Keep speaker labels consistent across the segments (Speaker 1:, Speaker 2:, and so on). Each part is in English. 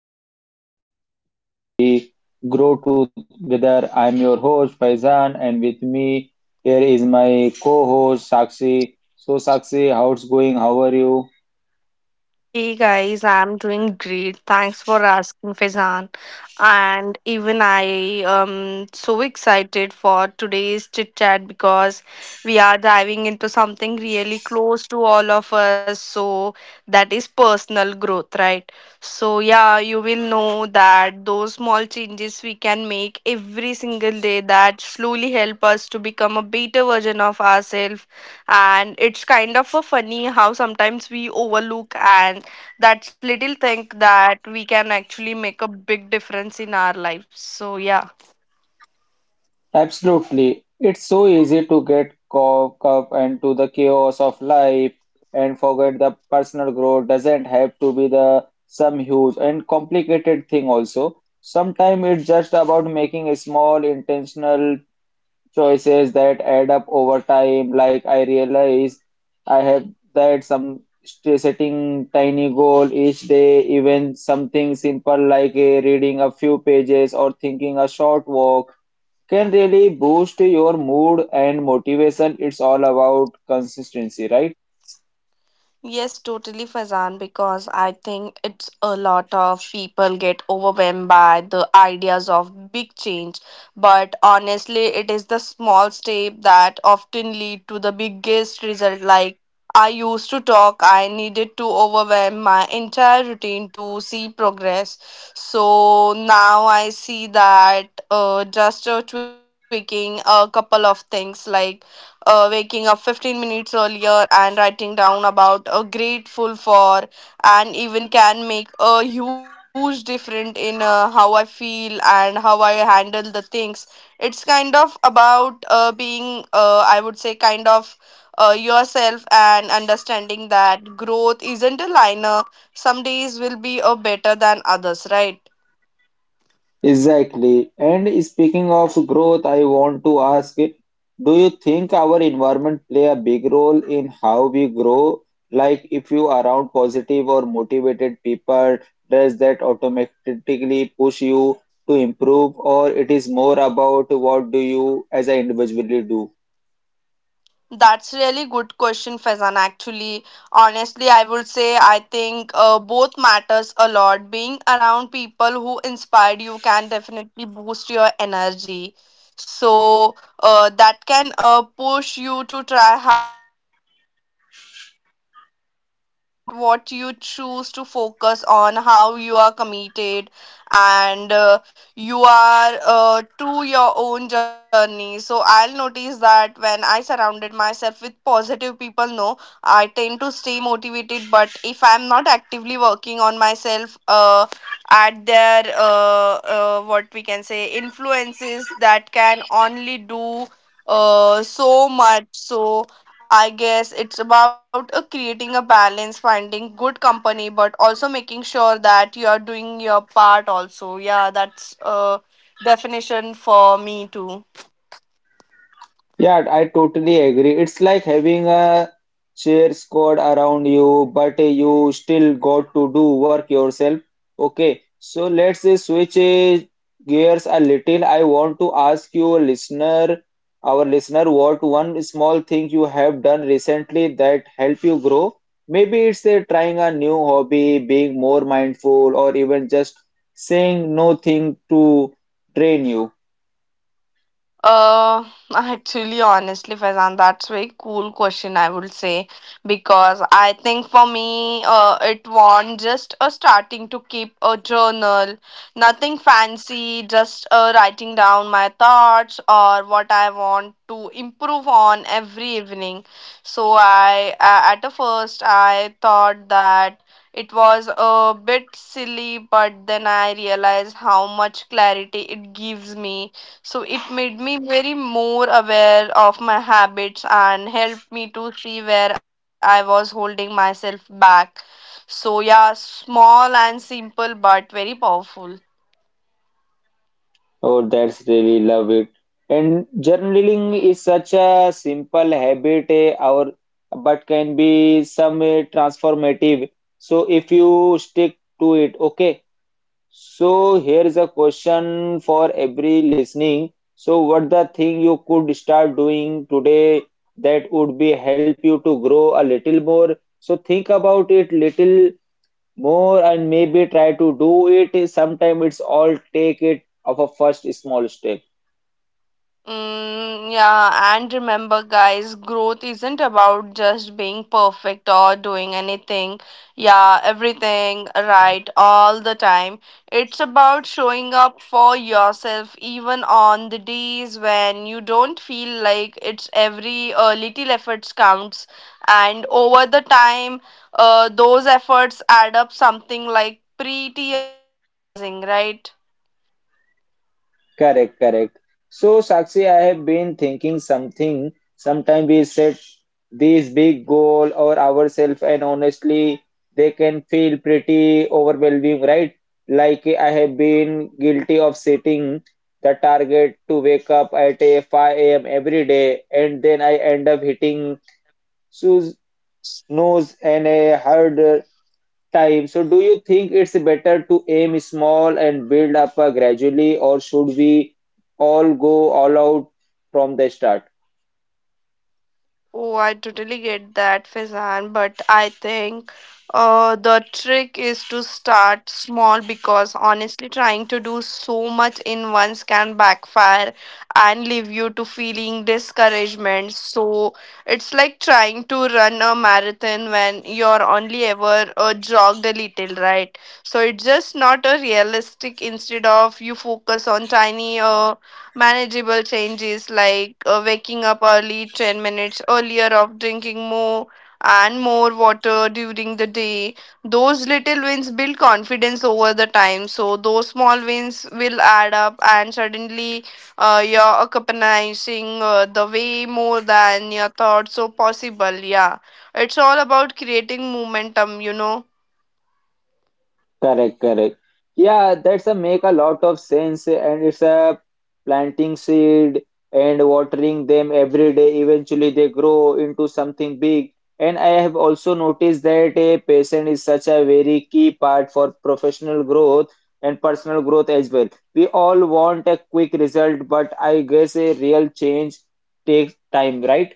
Speaker 1: back to my podcast. Today topic will be Grow Together. I'm your host Faizan and with me here is my co-host Sakshi. So Sakshi, how's going? How are you?
Speaker 2: Hey guys, I'm doing great. Thanks for asking, Faizan. And even I am so excited for today's chit chat because we are diving into something really close to all of us. So that is personal growth, right? So yeah, you will know that those small changes we can make every single day that slowly help us to become a better version of ourselves, and it's kind of a funny how sometimes we overlook, and that's little thing that we can actually make a big difference in our lives, so yeah.
Speaker 1: Absolutely. It's so easy to get caught up into the chaos of life and forget the personal growth doesn't have to be the some huge and complicated thing also. Sometimes it's just about making a small intentional choices that add up over time, like I realize I have that setting tiny goal each day, even something simple like a reading a few pages or thinking a short walk can really boost your mood and motivation. It's all about consistency, right?
Speaker 2: Yes, totally, Fazan, because I think it's a lot of people get overwhelmed by the ideas of big change. But honestly, it is the small step that often lead to the biggest result. Like I used to talk, I needed to overwhelm my entire routine to see progress. So now I see that just tweaking a couple of things, like waking up 15 minutes earlier and writing down about a grateful for, and even can make a huge difference in how I feel and how I handle the things. It's kind of about being I would say kind of yourself, and understanding that growth isn't a liner. Some days will be better than others, right?
Speaker 1: Exactly. And speaking of growth, I want to ask, do you think our environment play a big role in how we grow? Like if you are around positive or motivated people, does that automatically push you to improve, or it is more about what do you as an individually do?
Speaker 2: That's really good question, Faizan. Actually, honestly, I would say I think both matters a lot. Being around people who inspired you can definitely boost your energy. So that can push you to try harder, but at the same time, it's really about what you choose to focus on, how you are committed, and you are to your own journey. So I'll notice that when I surrounded myself with positive people, no, I tend to stay motivated, but if I'm not actively working on myself, at their what we can say influences that can only do so much. So I guess it's about creating a balance, finding good company, but also making sure that you are doing your part also. Yeah, that's a definition for me too.
Speaker 1: Yeah, I totally agree. It's like having a cheer squad around you, but you still got to do work yourself. Okay, so let's switch gears a little. I want to ask you, listener, our listener, what one small thing you have done recently that helped you grow? Maybe it's trying a new hobby, being more mindful, or even just saying no thing to train you.
Speaker 2: Uh, actually, honestly, Faizan, that's very cool question, I would say, because I think for me, it want just a starting to keep a journal, nothing fancy, just writing down my thoughts or what I want to improve on every evening. So I, at the first, I thought that it was a bit silly, but then I realized how much clarity it gives me. So it made me very more aware of my habits and helped me to see where I was holding myself back. So, yeah, small and simple, but very powerful.
Speaker 1: Oh, that's really love it. And journaling is such a simple habit, our but can be some transformative. So if you stick to it, okay. So here is a question for every listening. So what the thing you could start doing today that would be help you to grow a little more? So think about it little more and maybe try to do it. Sometimes it's all take it of a first small step.
Speaker 2: Mm, yeah, and remember, guys, growth isn't about just being perfect or doing anything, yeah, everything right all the time. It's about showing up for yourself even on the days when you don't feel like it's every little efforts counts. And over the time, those efforts add up something like pretty amazing, right?
Speaker 1: Correct, correct. So, Sakshi, I have been thinking something. Sometimes we set these big goal or ourselves, and honestly, they can feel pretty overwhelming, right? Like I have been guilty of setting the target to wake up at a 5 a.m. every day, and then I end up hitting snooze, and a hard time. So, do you think it's better to aim small and build up gradually, or should we all go all out from the start?
Speaker 2: Oh, I totally get that, Faizan, but I think the trick is to start small, because honestly, trying to do so much in once can backfire and leave you to feeling discouragement. So it's like trying to run a marathon when you're only ever jogged a little, right? So it's just not a realistic. Instead of you focus on tiny. Manageable changes like waking up early 10 minutes earlier of drinking more and more water during the day. Those little wins build confidence over the time, so those small wins will add up, and suddenly you're accompanying the way more than your thoughts, so possible, yeah, it's all about creating momentum, you know.
Speaker 1: Correct, correct. Yeah, that's a make a lot of sense, and it's a planting seed and watering them every day. Eventually, they grow into something big. And I have also noticed that a patient is such a very key part for professional growth and personal growth as well. We all want a quick result, but I guess a real change takes time, right?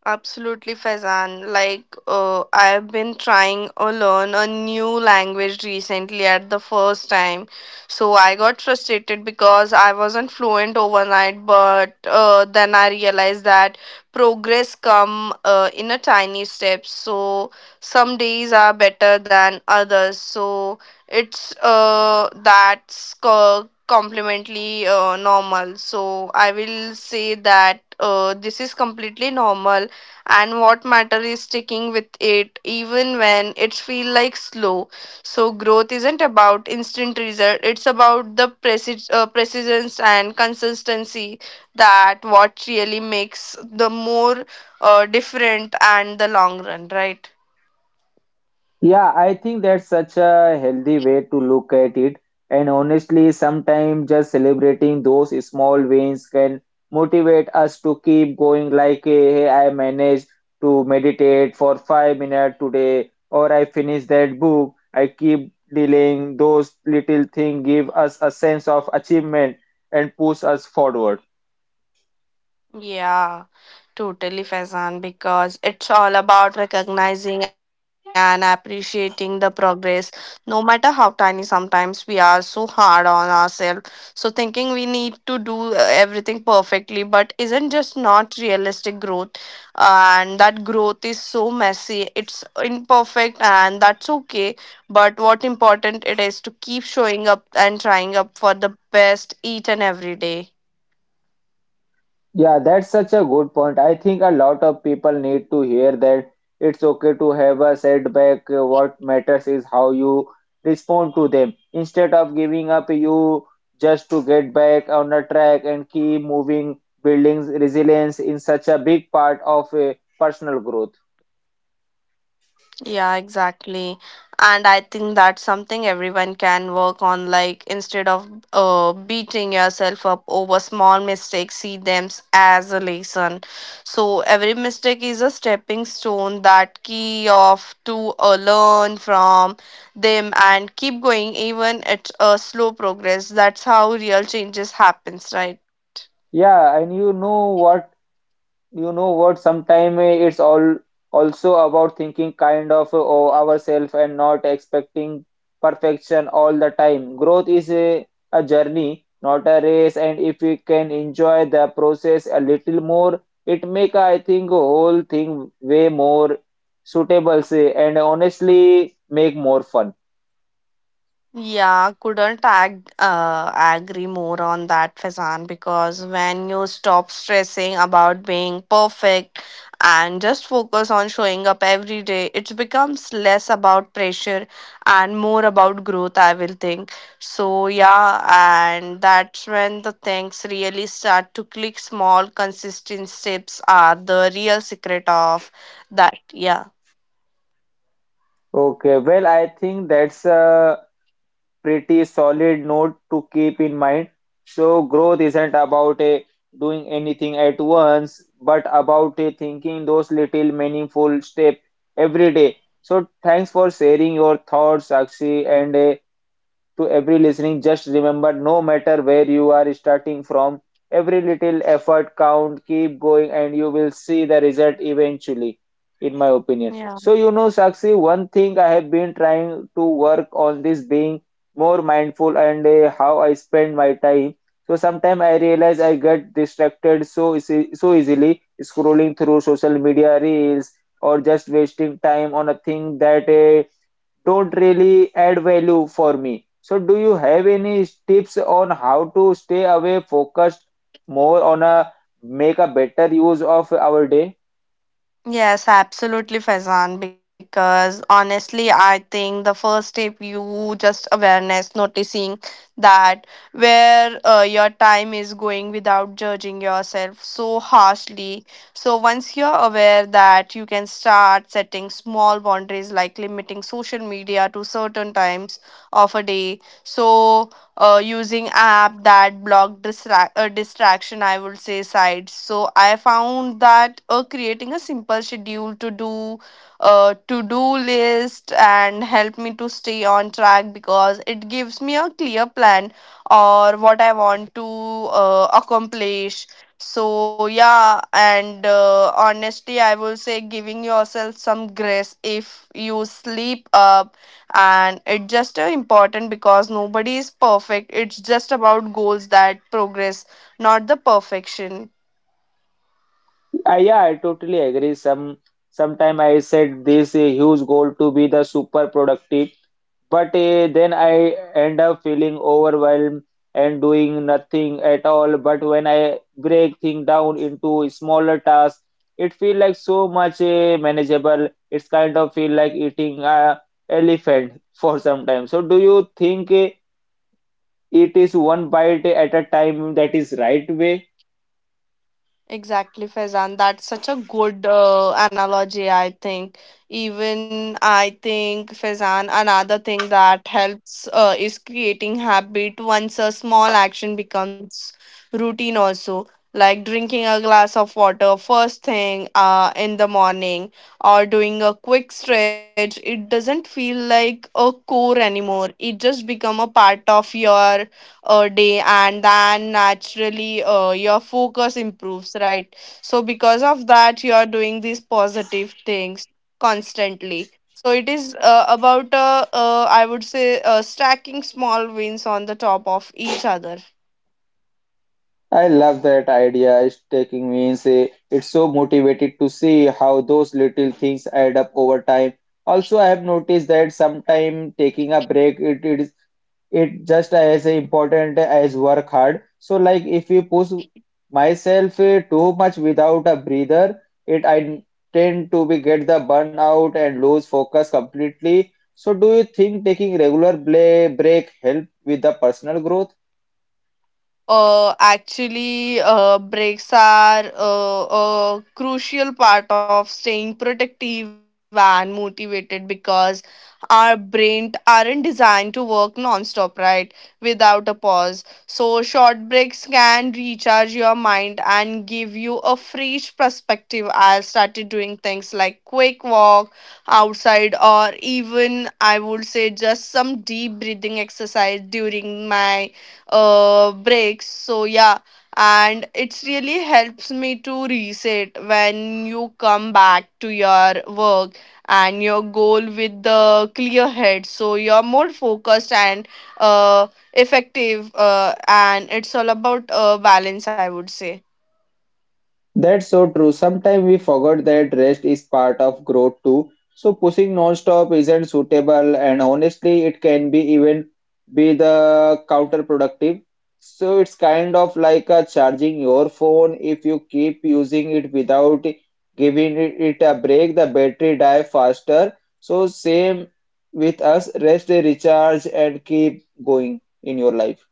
Speaker 2: Absolutely, Faizan. Like, I've been trying to learn a new language recently at the first time. So I got frustrated because I wasn't fluent overnight, but then I realized that progress come in a tiny steps. So some days are better than others. So completely normal. So I will say that this is completely normal, and what matter is sticking with it even when it feel like slow. So growth isn't about instant result, it's about the precision and consistency. That what really makes the more different and the long run, right?
Speaker 1: Yeah, I think that's such a healthy way to look at it. And honestly, sometimes just celebrating those small wins can motivate us to keep going, like, hey, I managed to meditate for 5 minutes today, or I finished that book. I keep delaying those little things, give us a sense of achievement and push us forward.
Speaker 2: Yeah. Totally, Faizan, because it's all about recognizing and appreciating the progress, no matter how tiny. Sometimes we are so hard on ourselves, so thinking we need to do everything perfectly, but isn't just not realistic growth, and that growth is so messy. It's imperfect, and that's okay. But what important it is to keep showing up and trying up for the best each and every day.
Speaker 1: Yeah, that's such a good point. I think a lot of people need to hear that it's okay to have a setback. What matters is how you respond to them. Instead of giving up, you just to get back on a track and keep moving, building resilience in such a big part of a personal growth.
Speaker 2: Yeah, exactly. And I think that's something everyone can work on. Like, instead of beating yourself up over small mistakes, see as a lesson. So, every mistake is a stepping stone that key of to learn from them and keep going, even at a slow progress. That's how real changes happens, right?
Speaker 1: Yeah, and you know what, sometimes it's all also about thinking kind of of ourselves and not expecting perfection all the time. Growth is a journey not a race, and if we can enjoy the process a little more it make I think whole thing way more suitable say and honestly make more fun.
Speaker 2: Yeah, couldn't agree more on that, Faizan, because when you stop stressing about being perfect and just focus on showing up every day, it becomes less about pressure and more about growth, I will think. So, yeah, and that's when the things really start to click. Small, consistent steps are the real secret of that. Yeah.
Speaker 1: Okay, well I think that's pretty solid note to keep in mind. So growth isn't about a doing anything at once, but about a thinking those little meaningful steps every day. So thanks for sharing your thoughts, Sakshi, and to every listening, just remember no matter where you are starting from, every little effort count, keep going, and you will see the result eventually, in my opinion.
Speaker 2: Yeah.
Speaker 1: So, you know, Sakshi, one thing I have been trying to work on this being more mindful and how I spend my time. So sometimes I realize I get distracted so easy, so easily scrolling through social media reels or just wasting time on a thing that don't really add value for me. So, do you have any tips on how to stay away focused more on a make a better use of our day?
Speaker 2: Yes, absolutely, Faizan. Because honestly, I think the first step you just awareness, noticing that where your time is going without judging yourself so harshly. So once you're aware that you can start setting small boundaries like limiting social media to certain times of a day. So using app that block distraction, I would say sites. So I found that creating a simple schedule to do, to do list, and help me to stay on track because it gives me a clear plan or what I want to accomplish. So yeah, and honestly I will say giving yourself some grace if you sleep up, and it's just important, because nobody is perfect. It's just about goals that progress, not the perfection.
Speaker 1: Yeah, I totally agree. Sometime I set this huge goal to be the super productive, but then I end up feeling overwhelmed and doing nothing at all. But when I break things down into smaller tasks, it feels like so much manageable. It's kind of feel like eating a elephant for some time. So do you think it is one bite at a time that is right way?
Speaker 2: Exactly, Faizan. That's such a good analogy, I think. Even I think, Faizan, another thing that helps is creating habit once a small action becomes routine, also, like drinking a glass of water first thing in the morning or doing a quick stretch. It doesn't feel like a chore anymore, it just become a part of your a day, and then naturally your focus improves, right? So because of that you are doing these positive things constantly. So it is about I would say stacking small wins on the top of each other.
Speaker 1: I love that idea. It's taking me means say it's so motivated to see how those little things add up over time. Also, I have noticed that sometimes taking a break it just as important as work hard. So like if you push myself too much without a breather, it I tend to be get the burnout and lose focus completely. So do you think taking regular break help with the personal growth?
Speaker 2: Actually Breaks are a crucial part of staying protective and motivated, because our brain aren't designed to work non-stop, right? Without a pause, so short breaks can recharge your mind and give you a fresh perspective. I started doing things like quick walk outside, or even I would say just some deep breathing exercise during my breaks. So yeah, and it's really helps me to reset when you come back to your work and your goal with the clear head. So you're more focused and uh, effective, and it's all about balance, I would say.
Speaker 1: That's so true. Sometimes we forget that rest is part of growth too. So pushing non-stop isn't suitable, and honestly, it can be even be the counterproductive. So it's kind of like charging your phone. If you keep using it without giving it a break, the battery die faster. So same with us, rest, recharge, and keep going in your life.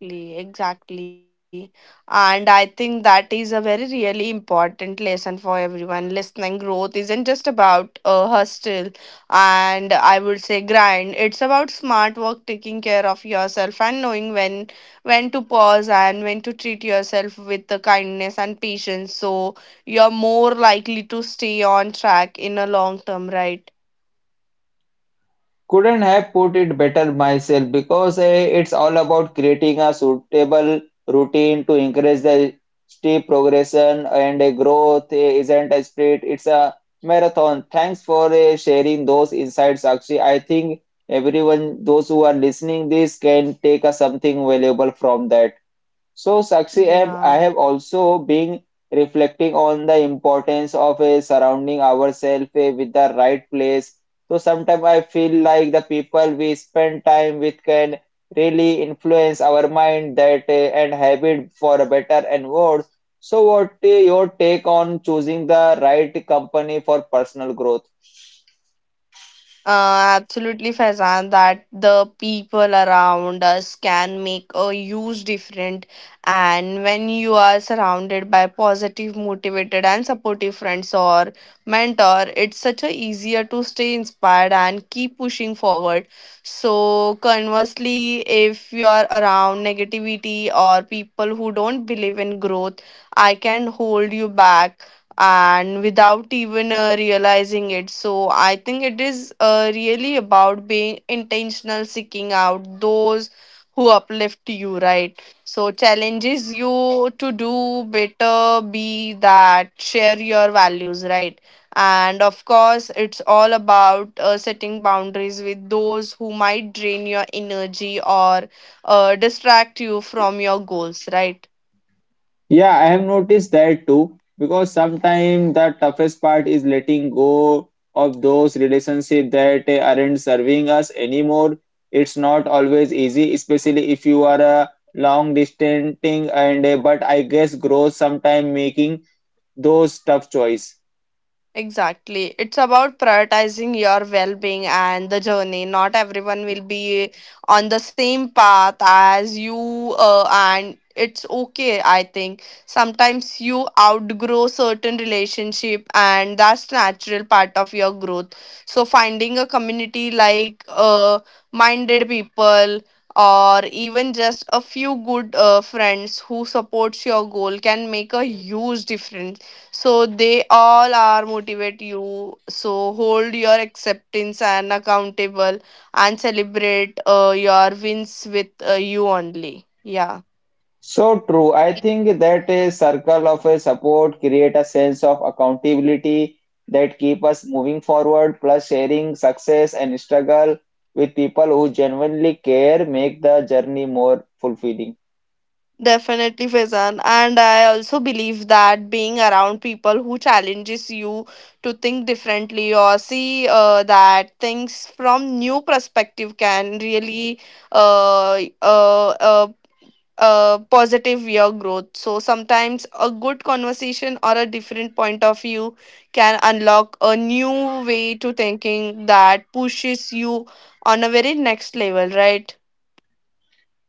Speaker 2: Exactly, exactly. And I think that is a very really important lesson for everyone listening. Growth isn't just about a hustle, and I would say grind. It's about smart work, taking care of yourself, and knowing when to pause and when to treat yourself with the kindness and patience. So you're more likely to stay on track in a long term, right?
Speaker 1: Couldn't have put it better myself because it's all about creating a suitable routine to encourage the steep progression and a growth isn't a sprint, it's a marathon. Thanks for sharing those insights, Akshi. I think everyone, those who are listening this can take a something valuable from that. So, Sakshi, I have
Speaker 2: Yeah.
Speaker 1: I have also been reflecting on the importance of surrounding ourselves with the right place. So, sometimes I feel like the people we spend time with can really influence our mind that and habit for a better and worse. So, what your take on choosing the right company for personal growth?
Speaker 2: Absolutely, Faizan, that the people around us can make a huge difference. And when you are surrounded by positive, motivated, and supportive friends or mentor, it's such a easier to stay inspired and keep pushing forward. So, conversely, if you are around negativity or people who don't believe in growth, I can hold you back and without even realizing it. So I think it is really about being intentional, seeking out those who uplift you, right? So challenges you to do better, be that, share your values, right? And of course, it's all about setting boundaries with those who might drain your energy or distract you from your goals, right?
Speaker 1: Yeah, I have noticed that too, because sometimes the toughest part is letting go of those relationships that aren't serving us anymore. It's not always easy, especially if you are a long distancing and but I guess growth sometimes making those tough choice.
Speaker 2: Exactly. It's about prioritizing your well being and the journey. Not everyone will be on the same path as you, and it's okay, I think. Sometimes you outgrow certain relationship, and that's natural part of your growth. So, finding a community like minded people, or even just a few good friends who supports your goal can make a huge difference, so they all are motivate you. So hold your acceptance and accountable and celebrate your wins with you only. Yeah.
Speaker 1: So true. I think that a circle of a support create a sense of accountability that keep us moving forward, plus sharing success and struggle with people who genuinely care make the journey more fulfilling.
Speaker 2: Definitely, Faizan. And I also believe that being around people who challenges you to think differently or see that things from new perspective can really uh, uh, uh, positive your growth. So sometimes a good conversation or a different point of view can unlock a new way to thinking that pushes you on a very next level, right?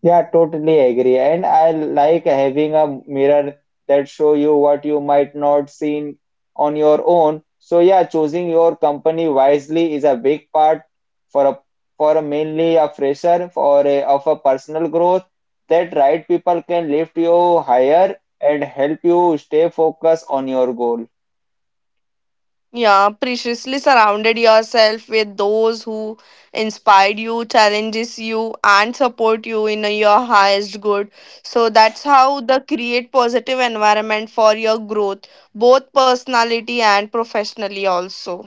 Speaker 1: Yeah, totally agree. And I like having a mirror that show you what you might not seen on your own. So yeah, choosing your company wisely is a big part for a for a mainly a fresher of a personal growth that right people can lift you higher and help you stay focused on your goal.
Speaker 2: Yeah, preciously surrounded yourself with those who inspired you, challenges you, and support you in your highest good. So that's how the create positive environment for your growth, both personality and professionally also.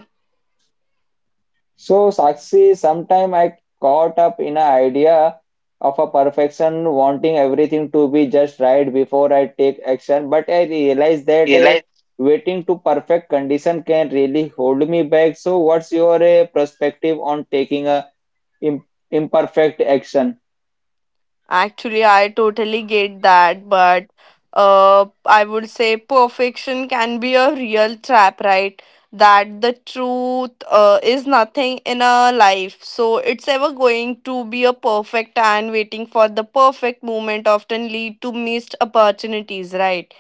Speaker 1: So, Sakshi, sometime I caught up in an idea of a perfection, wanting everything to be just right before I take action. But I realized that a waiting to perfect condition can really hold me back. So, what's your perspective on taking a im- imperfect action?
Speaker 2: Actually, I totally get that, but I would say perfection can be a real trap, right? That the truth is nothing in a life. So it's ever going to be a perfect and waiting for the perfect moment often lead to missed opportunities, right?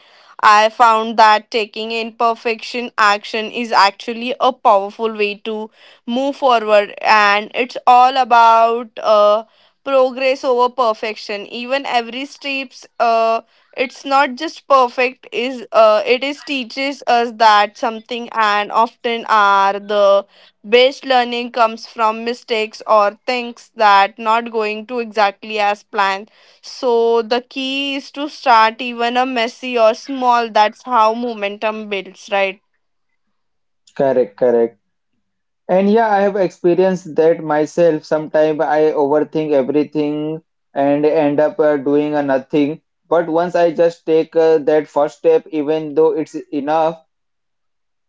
Speaker 2: I found that taking imperfection action is actually a powerful way to move forward, and it's all about progress over perfection, even every steps it's not just perfect is it is teaches us that something, and often are the best learning comes from mistakes or things that not going to exactly as planned. So the key is to start even a messy or small. That's how momentum builds, right?
Speaker 1: Correct, correct. And yeah, I have experienced that myself. Sometimes I overthink everything and end up doing a nothing. But once I just take that first step, even though it's enough,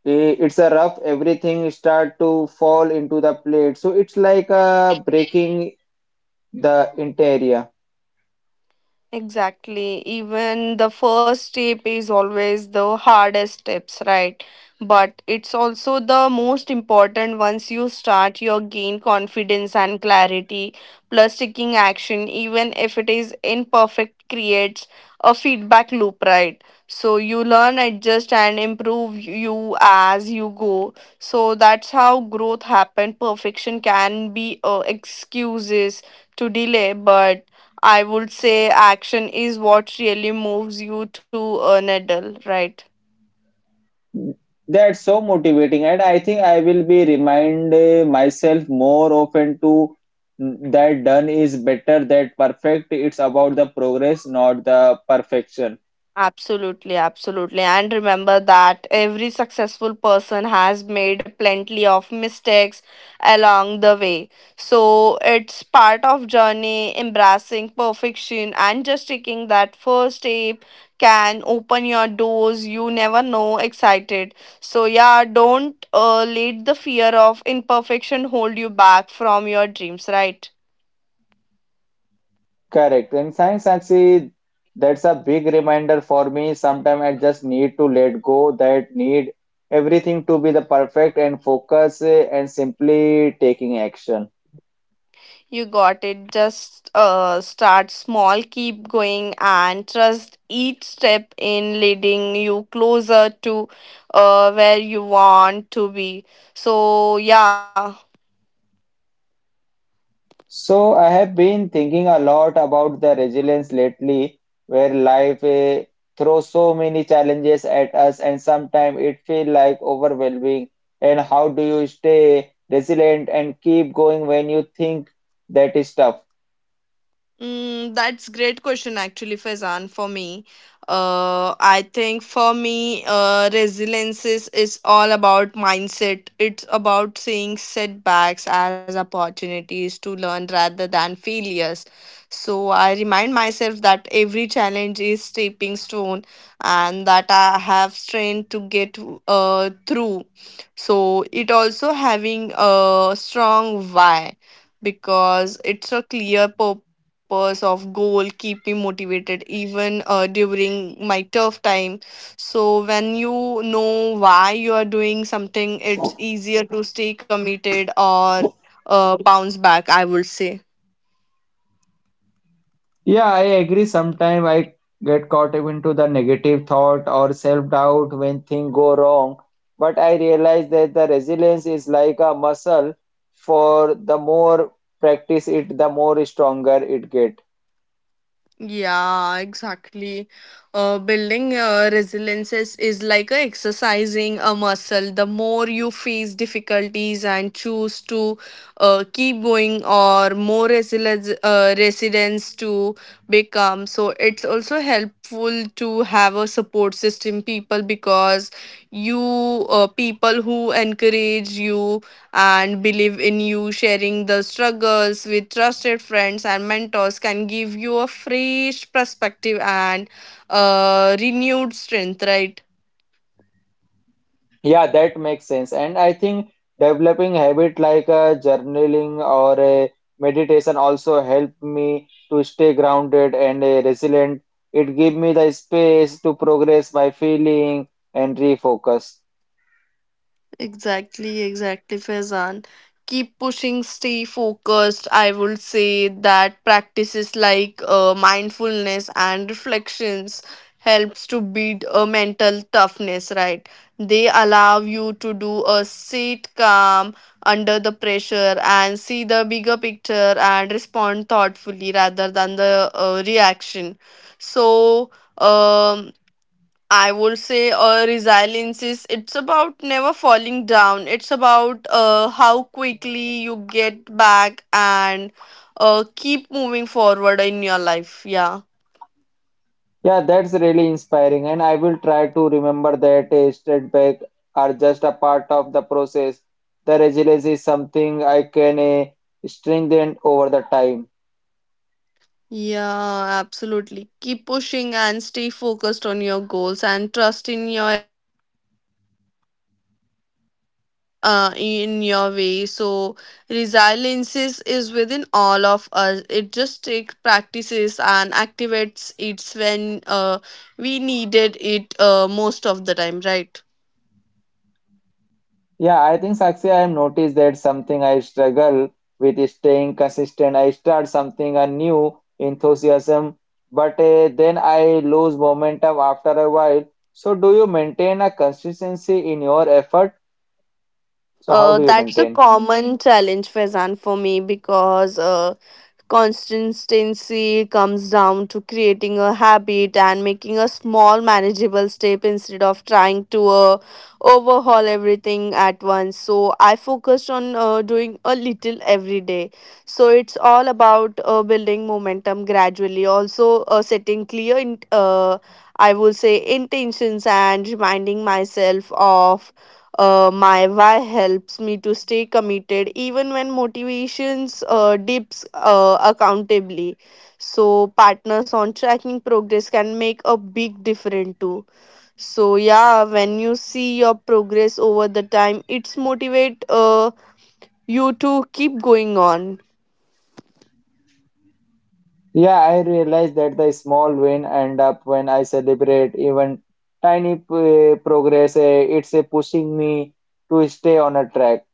Speaker 1: it's a rough, everything start to fall into the plate. So it's like breaking the interior.
Speaker 2: Exactly. Even the first step is always the hardest steps, right? But it's also the most important. Once you start, you gain confidence and clarity. Plus, taking action, even if it is imperfect, creates a feedback loop, right? So you learn, adjust, and improve you as you go. So that's how growth happens. Perfection can be excuses to delay, but I would say action is what really moves you to needle, right?
Speaker 1: That's so motivating, and I think I will be remind myself more often to that done is better than perfect. It's about the progress, not the perfection.
Speaker 2: Absolutely, absolutely. And remember that every successful person has made plenty of mistakes along the way. So it's part of journey embracing perfection and just taking that first step can open your doors you never know excited. So yeah, don't let the fear of imperfection hold you back from your dreams, right?
Speaker 1: Correct. And science actually, that's a big reminder for me. Sometimes I just need to let go that need everything to be the perfect and focus and simply taking action.
Speaker 2: You got it. Just start small, keep going, and trust each step in leading you closer to where you want to be. So, yeah.
Speaker 1: So I have been thinking a lot about the resilience lately, where life throws so many challenges at us, and sometimes it feels like overwhelming. And how do you stay resilient and keep going when you think that is tough?
Speaker 2: That's great question actually, Faizan. For me, I think for me, resilience is all about mindset. It's about seeing setbacks as opportunities to learn rather than failures. So I remind myself that every challenge is stepping stone, and that I have strength to get through. So it also having a strong why, because it's a clear purpose of goal keep me motivated even during my tough time. So when you know why you are doing something, it's easier to stay committed or bounce back, I would say.
Speaker 1: Yeah, I agree. Sometimes I get caught up into the negative thought or self-doubt when things go wrong. But I realize that the resilience is like a muscle. For the more practice it, the more stronger it get.
Speaker 2: Yeah, exactly. Building resilience is like exercising a muscle. The more you face difficulties and choose to keep going, or more resilience resilience to become. So it's also helpful to have a support system people, because you people who encourage you and believe in you. Sharing the struggles with trusted friends and mentors can give you a fresh perspective and renewed strength, right?
Speaker 1: Yeah, that makes sense. And I think developing habit like a journaling or a meditation also help me to stay grounded and resilient. It give me the space to progress my feeling and refocus.
Speaker 2: Exactly, exactly, Faizan. Keep pushing, stay focused. I would say that practices like mindfulness and reflections helps to beat a mental toughness, right? They allow you to do a sit calm under the pressure and see the bigger picture and respond thoughtfully rather than the reaction. So, um, I would say resilience is it's about never falling down. It's about how quickly you get back and keep moving forward in your life. Yeah.
Speaker 1: Yeah, that's really inspiring, and I will try to remember that setbacks are just a part of the process. The resilience is something I can strengthen over the time.
Speaker 2: Yeah, absolutely. Keep pushing and stay focused on your goals and trust in your ability to overcome whatever comes in your way. So, resilience is within all of us. It just takes practices and activates it when we needed it most of the time, right?
Speaker 1: Yeah, I think Sakshi, I have noticed that something I struggle with is staying consistent. I start something a new enthusiasm, but then I lose momentum after a while. So, do you maintain a consistency in your effort? So, how do you
Speaker 2: That's a
Speaker 1: maintain?
Speaker 2: common challenge, Faizan, for me because consistency comes down to creating a habit and making a small, manageable step instead of trying to overhaul everything at once. So, I focused on doing a little every day. So, it's all about building momentum gradually, also, setting clear. I will say intentions and reminding myself of my why helps me to stay committed even when motivations dips accountably. So partners on tracking progress can make a big difference too. So yeah, when you see your progress over the time, it's motivate you to keep going on.
Speaker 1: Yeah, I realize that the small win end up when I celebrate even tiny progress. It's pushing me to stay on a track.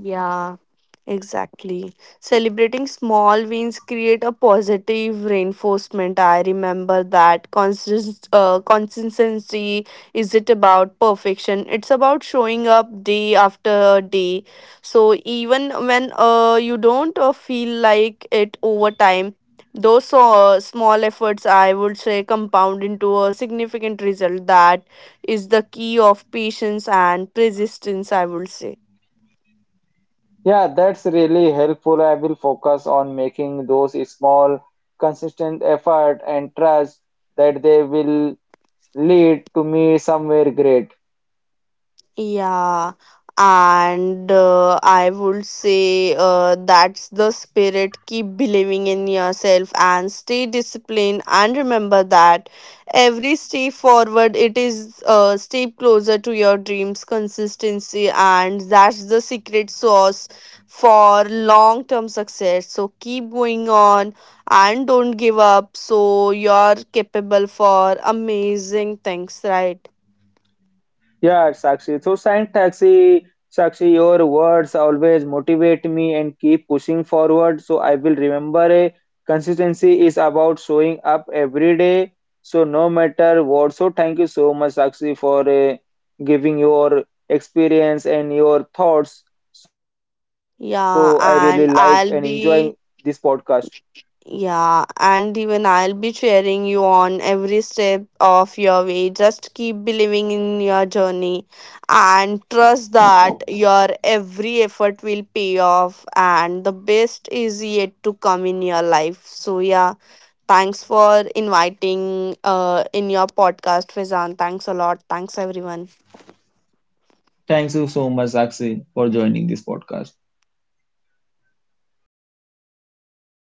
Speaker 2: Yeah. Exactly. Celebrating small wins create a positive reinforcement. I remember that consistency is it about perfection. It's about showing up day after day. So even when you don't feel like it over time, those small efforts, I would say, compound into a significant result. That is the key of patience and persistence, I would say.
Speaker 1: Yeah, that's really helpful. I will focus on making those small, consistent effort and trust that they will lead to me somewhere great.
Speaker 2: Yeah, and I would say that's the spirit. Keep believing in yourself and stay disciplined. And remember that every step forward, it is a step closer to your dreams. Consistency, and that's the secret sauce for long term success. So keep going on and don't give up. So you're capable for amazing things, right?
Speaker 1: Yeah, Sakshi. So, Sakshi, your words always motivate me and keep pushing forward. So, I will remember a consistency is about showing up every day. So, no matter what. So, thank you so much, Sakshi, for giving your experience and your thoughts. So, I really like and
Speaker 2: Yeah,
Speaker 1: enjoying
Speaker 2: and
Speaker 1: this
Speaker 2: I'll
Speaker 1: podcast.
Speaker 2: be yeah, and even I'll be cheering you on every step of your way. Just keep believing in your journey and trust that your every effort will pay off and the best is yet to come in your life. So yeah, thanks for inviting in your podcast, Fizan. Thanks a lot. Thanks everyone.
Speaker 1: Thanks you so much, Sakshi, for joining this podcast.